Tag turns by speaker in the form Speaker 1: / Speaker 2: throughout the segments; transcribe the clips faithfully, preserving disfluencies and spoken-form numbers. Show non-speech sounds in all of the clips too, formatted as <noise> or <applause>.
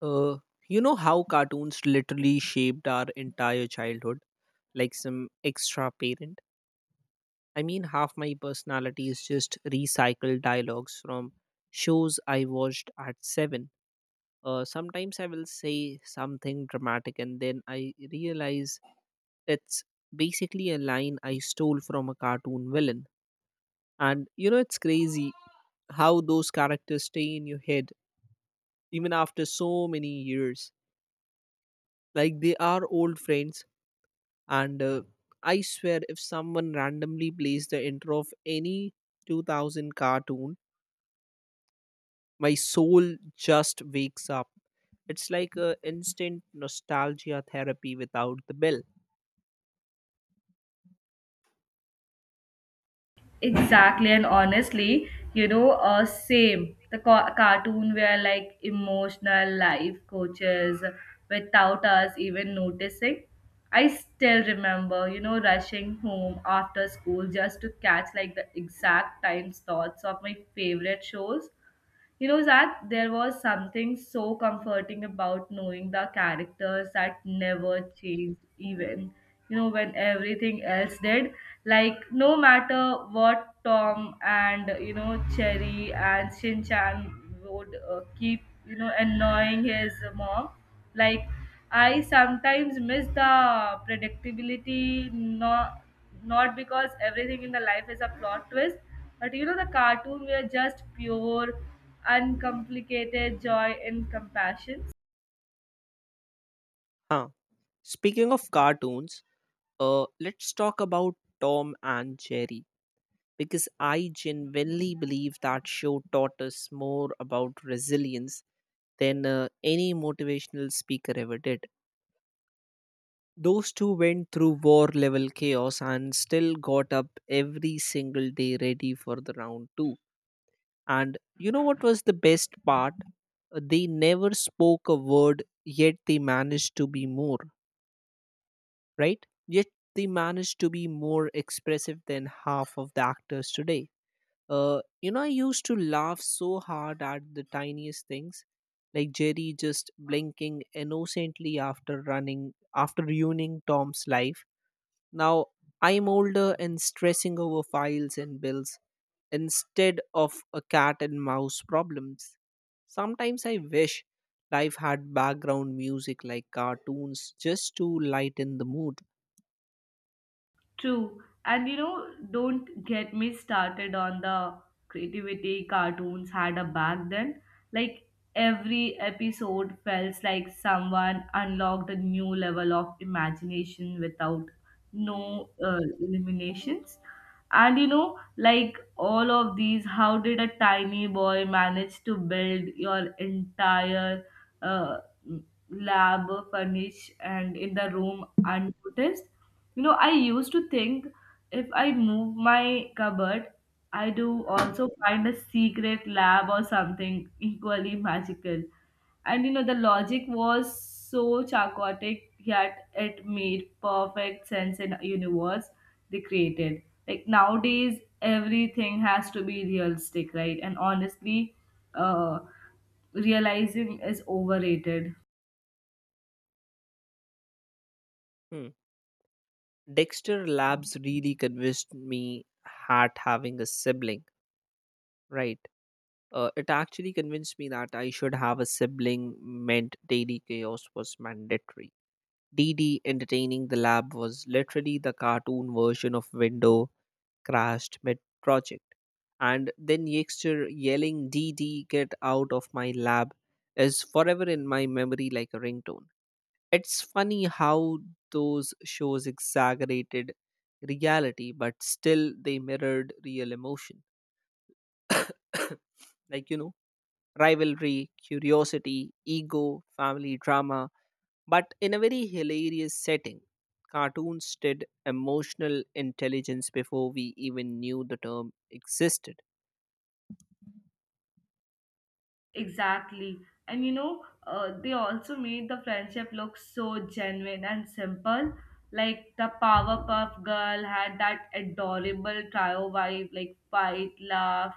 Speaker 1: Uh, you know how cartoons literally shaped our entire childhood, like some extra parent? I mean, half my personality is just recycled dialogues from shows I watched at seven. Uh, sometimes I will say something dramatic and then I realize it's basically a line I stole from a cartoon villain. And you know, it's crazy how those characters stay in your head even after so many years. Like they are old friends and uh, I swear if someone randomly plays the intro of any two thousand cartoon, my soul just wakes up. It's like a instant nostalgia therapy without the bill.
Speaker 2: Exactly, and honestly, you know, uh, same. The ca- cartoon were like emotional life coaches without us even noticing. I still remember, you know, rushing home after school just to catch like the exact time slots of my favorite shows. You know, Zach, there was something so comforting about knowing the characters that never changed, even, you know, when everything else did. Like, no matter what Tom and, you know, Cherry and Shin Chan would uh, keep, you know, annoying his mom, like, I sometimes miss the predictability, not not because everything in the life is a plot twist, but you know the cartoon were just pure uncomplicated joy and compassion.
Speaker 1: Huh, speaking of cartoons, uh let's talk about Tom and Jerry, because I genuinely believe that show taught us more about resilience than uh, any motivational speaker ever did. Those two went through war level chaos and still got up every single day ready for the round two. And you know what was the best part? Uh, They never spoke a word, yet they managed to be more, right? Yet they managed to be more expressive than half of the actors today. Uh, you know, I used to laugh so hard at the tiniest things, like Jerry just blinking innocently after running, after ruining Tom's life. Now, I'm older and stressing over files and bills instead of a cat and mouse problems. Sometimes I wish life had background music like cartoons just to lighten the mood.
Speaker 2: True. And you know, don't get me started on the creativity cartoons had a back then. Like every episode felt like someone unlocked a new level of imagination without no uh, eliminations. And you know, like all of these, how did a tiny boy manage to build your entire uh, lab furnish and in the room unnoticed? You know, I used to think if I move my cupboard, I do also find a secret lab or something equally magical. And you know, the logic was so chaotic, yet it made perfect sense in a universe they created. Like nowadays, everything has to be realistic, right? And honestly, uh, realizing is overrated.
Speaker 1: Hmm. Dexter Labs really convinced me at having a sibling, right? Uh, it actually convinced me that I should have a sibling meant daily chaos was mandatory. D D entertaining the lab was literally the cartoon version of window crashed mid project. And then Yexter yelling D D get out of my lab is forever in my memory like a ringtone. It's funny how those shows exaggerated reality, but still they mirrored real emotion. <coughs> Like, you know, rivalry, curiosity, ego, family drama, but in a very hilarious setting. Cartoons did emotional intelligence before we even knew the term existed.
Speaker 2: Exactly. And you know, uh, they also made the friendship look so genuine and simple. Like the Powerpuff Girl had that adorable trio vibe, like fight, laugh,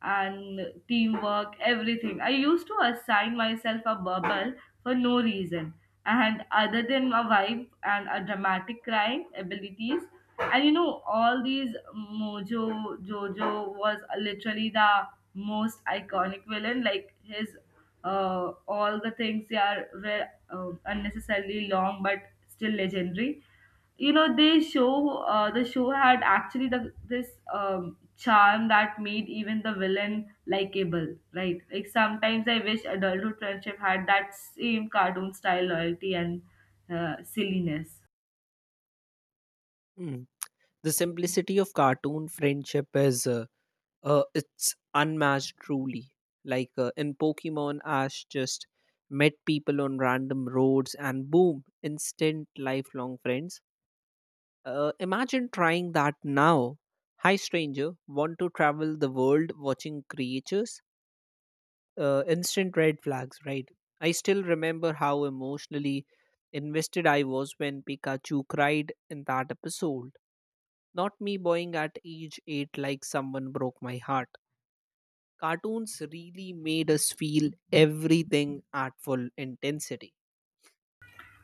Speaker 2: and teamwork, everything. I used to assign myself a bubble for no reason. And other than a vibe and a dramatic crying abilities, and you know, all these Mojo Jojo was literally the most iconic villain. Like his uh, all the things they are were uh, unnecessarily long, but still legendary. You know, they show uh, the show had actually the this um, charm that made even the villain likable, right? Like sometimes I wish adulthood friendship had that same cartoon style loyalty and uh, silliness.
Speaker 1: Mm. The simplicity of cartoon friendship is uh, uh, it's unmatched truly. Like uh, in Pokemon, Ash just met people on random roads and boom, instant lifelong friends. Uh, imagine trying that now. Hi, stranger. Want to travel the world watching creatures? Uh, instant red flags, right? I still remember how emotionally invested I was when Pikachu cried in that episode. Not me boying at age eight like someone broke my heart. Cartoons really made us feel everything at full intensity.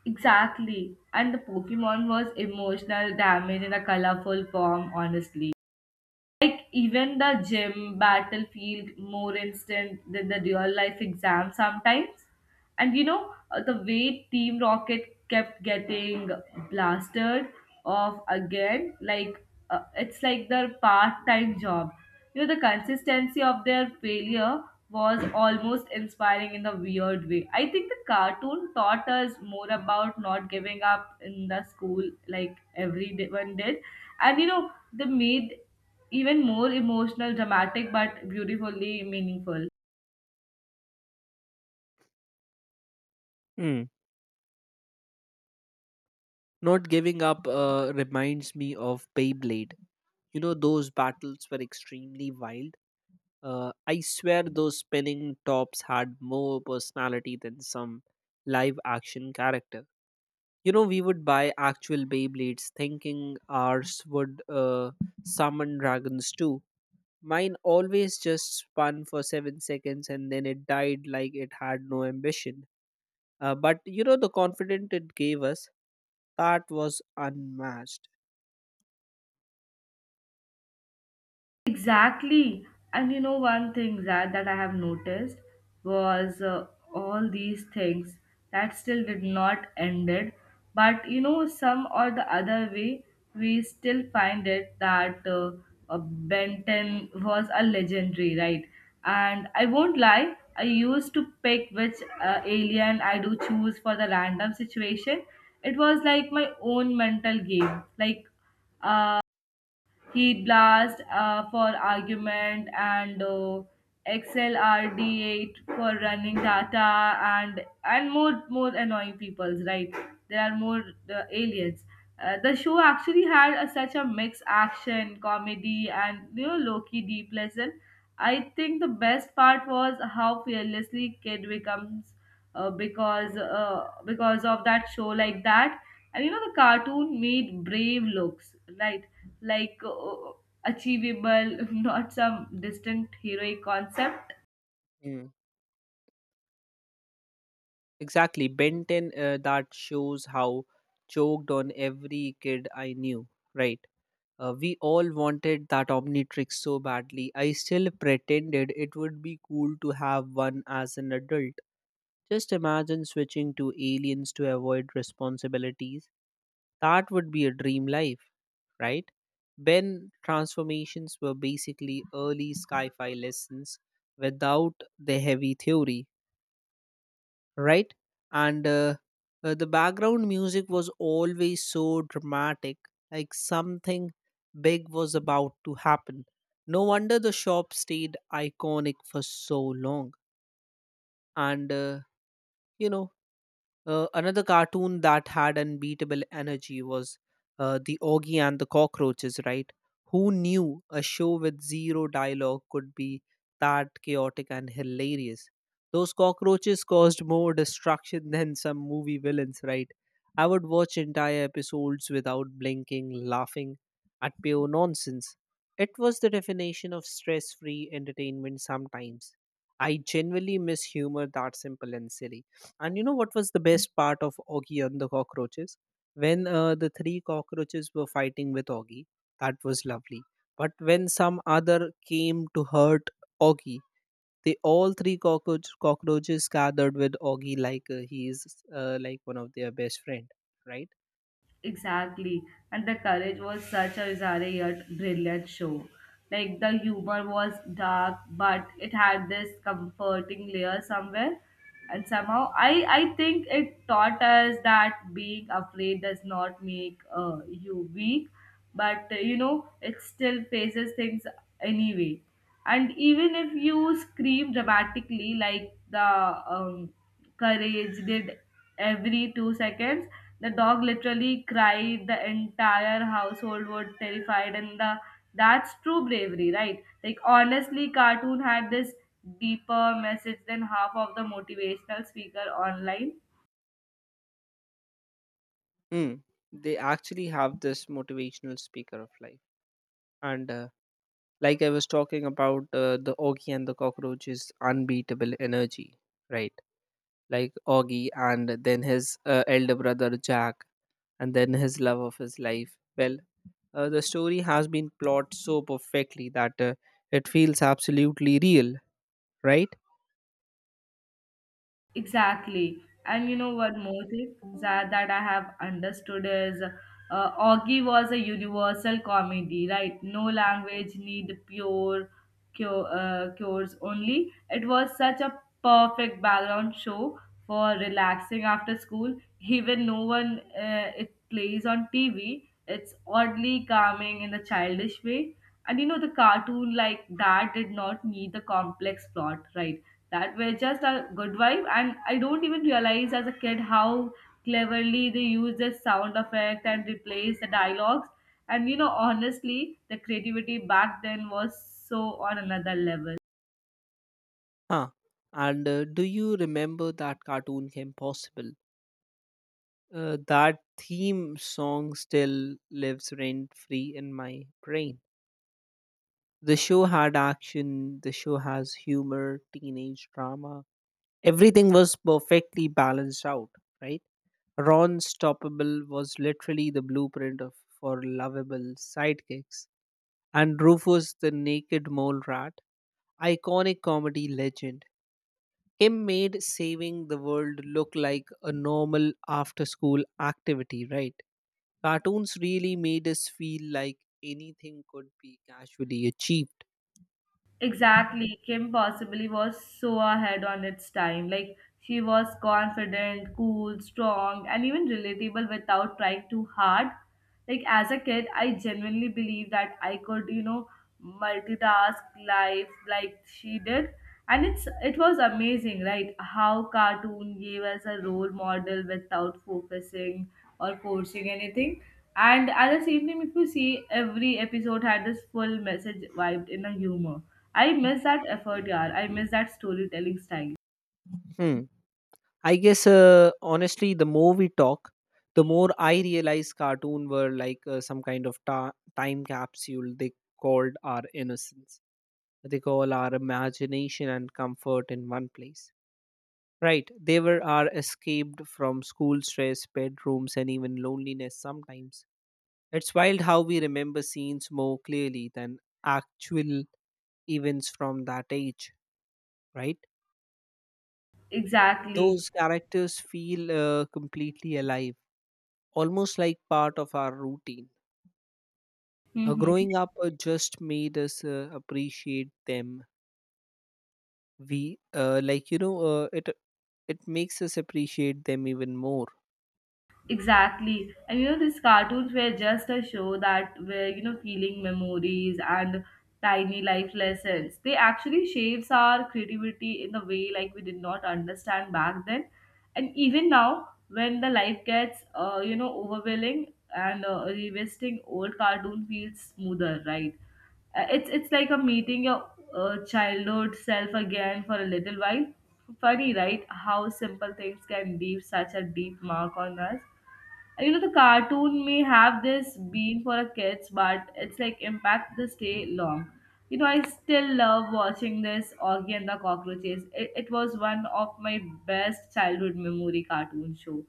Speaker 2: Exactly. And the Pokemon was emotional damage in a colorful form, honestly. Like even the gym battlefield more instant than the real life exam sometimes. And you know uh, the way Team Rocket kept getting blasted off again, like uh, it's like their part-time job. You know the consistency of their failure was almost inspiring in a weird way. I think the cartoon taught us more about not giving up in the school like everyone did, and you know they made even more emotional, dramatic, but beautifully meaningful.
Speaker 1: Hmm. Not giving up uh, reminds me of Beyblade. You know, those battles were extremely wild. Uh, I swear those spinning tops had more personality than some live action character. You know, we would buy actual Beyblades thinking ours would uh, summon dragons too. Mine always just spun for seven seconds and then it died like it had no ambition. Uh, but you know, the confidence it gave us, that was unmatched.
Speaker 2: Exactly. And you know, one thing that, that I have noticed was uh, all these things that still did not ended. But you know, some or the other way, we still find it that uh, uh, Benton was a legendary, right? And I won't lie, I used to pick which uh, alien I do choose for the random situation. It was like my own mental game. Like, uh, Heat blast uh, for argument and uh, X L R D eight for running data and and more more annoying peoples. Right, there are more uh, aliens. Uh, the show actually had a, such a mix action, comedy, and you know, low-key deep lesson. I think the best part was how fearlessly Kid becomes uh, because uh, because of that show like that and you know the cartoon made brave looks right like uh, achievable <laughs> not some distant heroic concept.
Speaker 1: Mm. Exactly. Benton, uh, that shows how choked on every kid I knew, right? Uh, we all wanted that Omnitrix so badly. I still pretended it would be cool to have one as an adult. Just imagine switching to aliens to avoid responsibilities. That would be a dream life, right? Ben transformations were basically early sci fi lessons without the heavy theory, right? And uh, uh, The background music was always so dramatic, like something big was about to happen. No wonder the shop stayed iconic for so long. And, uh, you know, uh, another cartoon that had unbeatable energy was uh, The Augie and the Cockroaches, right? Who knew a show with zero dialogue could be that chaotic and hilarious? Those cockroaches caused more destruction <laughs> than some movie villains, right? I would watch entire episodes without blinking, laughing at pure nonsense. It was the definition of stress free entertainment sometimes. I genuinely miss humor that simple and silly. And you know what was the best part of Augie and the cockroaches? When uh, the three cockroaches were fighting with Augie, that was lovely. But when some other came to hurt Augie, they all three cockroach, cockroaches gathered with Augie like uh, he is uh, like one of their best friend, right?
Speaker 2: Exactly. And the courage was such a bizarre yet brilliant show. Like the humor was dark, but it had this comforting layer somewhere. And somehow, I, I think it taught us that being afraid does not make uh, you weak, but uh, you know, it still faces things anyway, and even if you scream dramatically like the um, courage did every two seconds, the dog literally cried, the entire household were terrified, and the that's true bravery, right? Like honestly cartoon had this deeper message than half of the motivational speaker online.
Speaker 1: Mm. They actually have this motivational speaker of life, and uh, like I was talking about uh, the Augie and the cockroaches' unbeatable energy, right? Like Augie, and then his uh, elder brother Jack, and then his love of his life. Well, uh, the story has been plotted so perfectly that uh, it feels absolutely real, right?
Speaker 2: Exactly. And you know what more thing that, that I have understood is uh, Augie was a universal comedy, right? No language need pure cure, uh, cures only. It was such a perfect background show for relaxing after school. Even no one uh, it plays on T V. It's oddly calming in a childish way. And you know the cartoon like that did not need the complex plot, right? That were just a good vibe and I don't even realize as a kid how cleverly they use the sound effect and replace the dialogues, and you know honestly the creativity back then was so on another level.
Speaker 1: Huh. And uh, do you remember that cartoon Kim Possible? Uh, that theme song still lives rent free in my brain. The show had action, the show has humor, teenage drama. Everything was perfectly balanced out, right? Ron Stoppable was literally the blueprint of, for lovable sidekicks, and Rufus the Naked Mole Rat, iconic comedy legend. Kim made saving the world look like a normal after school activity, right? Cartoons really made us feel like anything could be casually achieved.
Speaker 2: Exactly. Kim possibly was so ahead on its time. Like, she was confident, cool, strong, and even relatable without trying too hard. Like, as a kid, I genuinely believed that I could, you know, multitask life like she did. And it's it was amazing, right? How cartoon gave us a role model without focusing or forcing anything. And at the same time, if you see, every episode had this full message vibed in a humor. I miss that effort, yaar. I miss that storytelling style.
Speaker 1: Hmm. I guess uh, honestly, the more we talk, the more I realize cartoon were like uh, some kind of ta- time capsule. They called our innocence. They call our imagination and comfort in one place. Right? They were our escaped from school stress, bedrooms, and even loneliness. Sometimes it's wild how we remember scenes more clearly than actual events from that age. Right?
Speaker 2: Exactly.
Speaker 1: Those characters feel uh, completely alive almost like part of our routine. Uh,
Speaker 2: Mm-hmm.
Speaker 1: growing up uh, just made us uh, appreciate them. We uh, Like you know uh, it it makes us appreciate them even more.
Speaker 2: Exactly. And you know, these cartoons were just a show that were, you know, feeling memories and tiny life lessons. They actually shapes our creativity in a way like we did not understand back then. And even now, when the life gets, uh, you know, overwhelming and uh, revisiting old cartoon feels smoother, right? Uh, It's, it's like a meeting your uh, childhood self again for a little while. Funny, right? How simple things can leave such a deep mark on us. You know the cartoon may have this being for a kids but it's like impact the stay long. You know I still love watching this Augie and the Cockroaches. It, it was one of my best childhood memory cartoon show.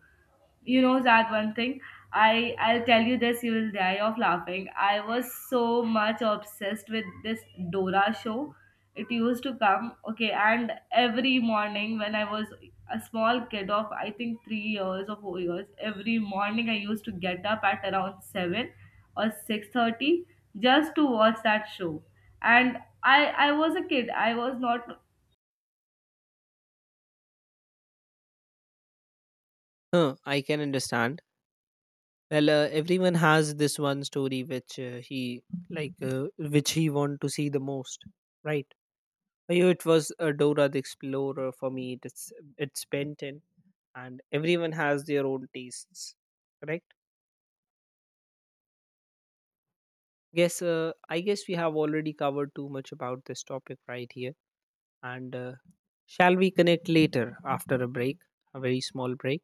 Speaker 2: You know that one thing, i i'll tell you this, you will die of laughing. I was so much obsessed with this Dora show. It used to come, okay, and every morning when I was a small kid of I think three years or four years, every morning I used to get up at around seven or six thirty just to watch that show. And i i was a kid, I was not.
Speaker 1: Huh, I can understand. Well, uh, everyone has this one story which uh, he like uh, which he want to see the most, right? For you, it was uh, Dora the Explorer. For me, it's it's Benton, and everyone has their own tastes, correct? Yes, uh, I guess we have already covered too much about this topic right here. And uh, shall we connect later after a break, a very small break?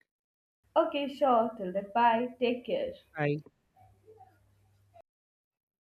Speaker 2: Okay, sure, till then, bye, take care.
Speaker 1: Hi.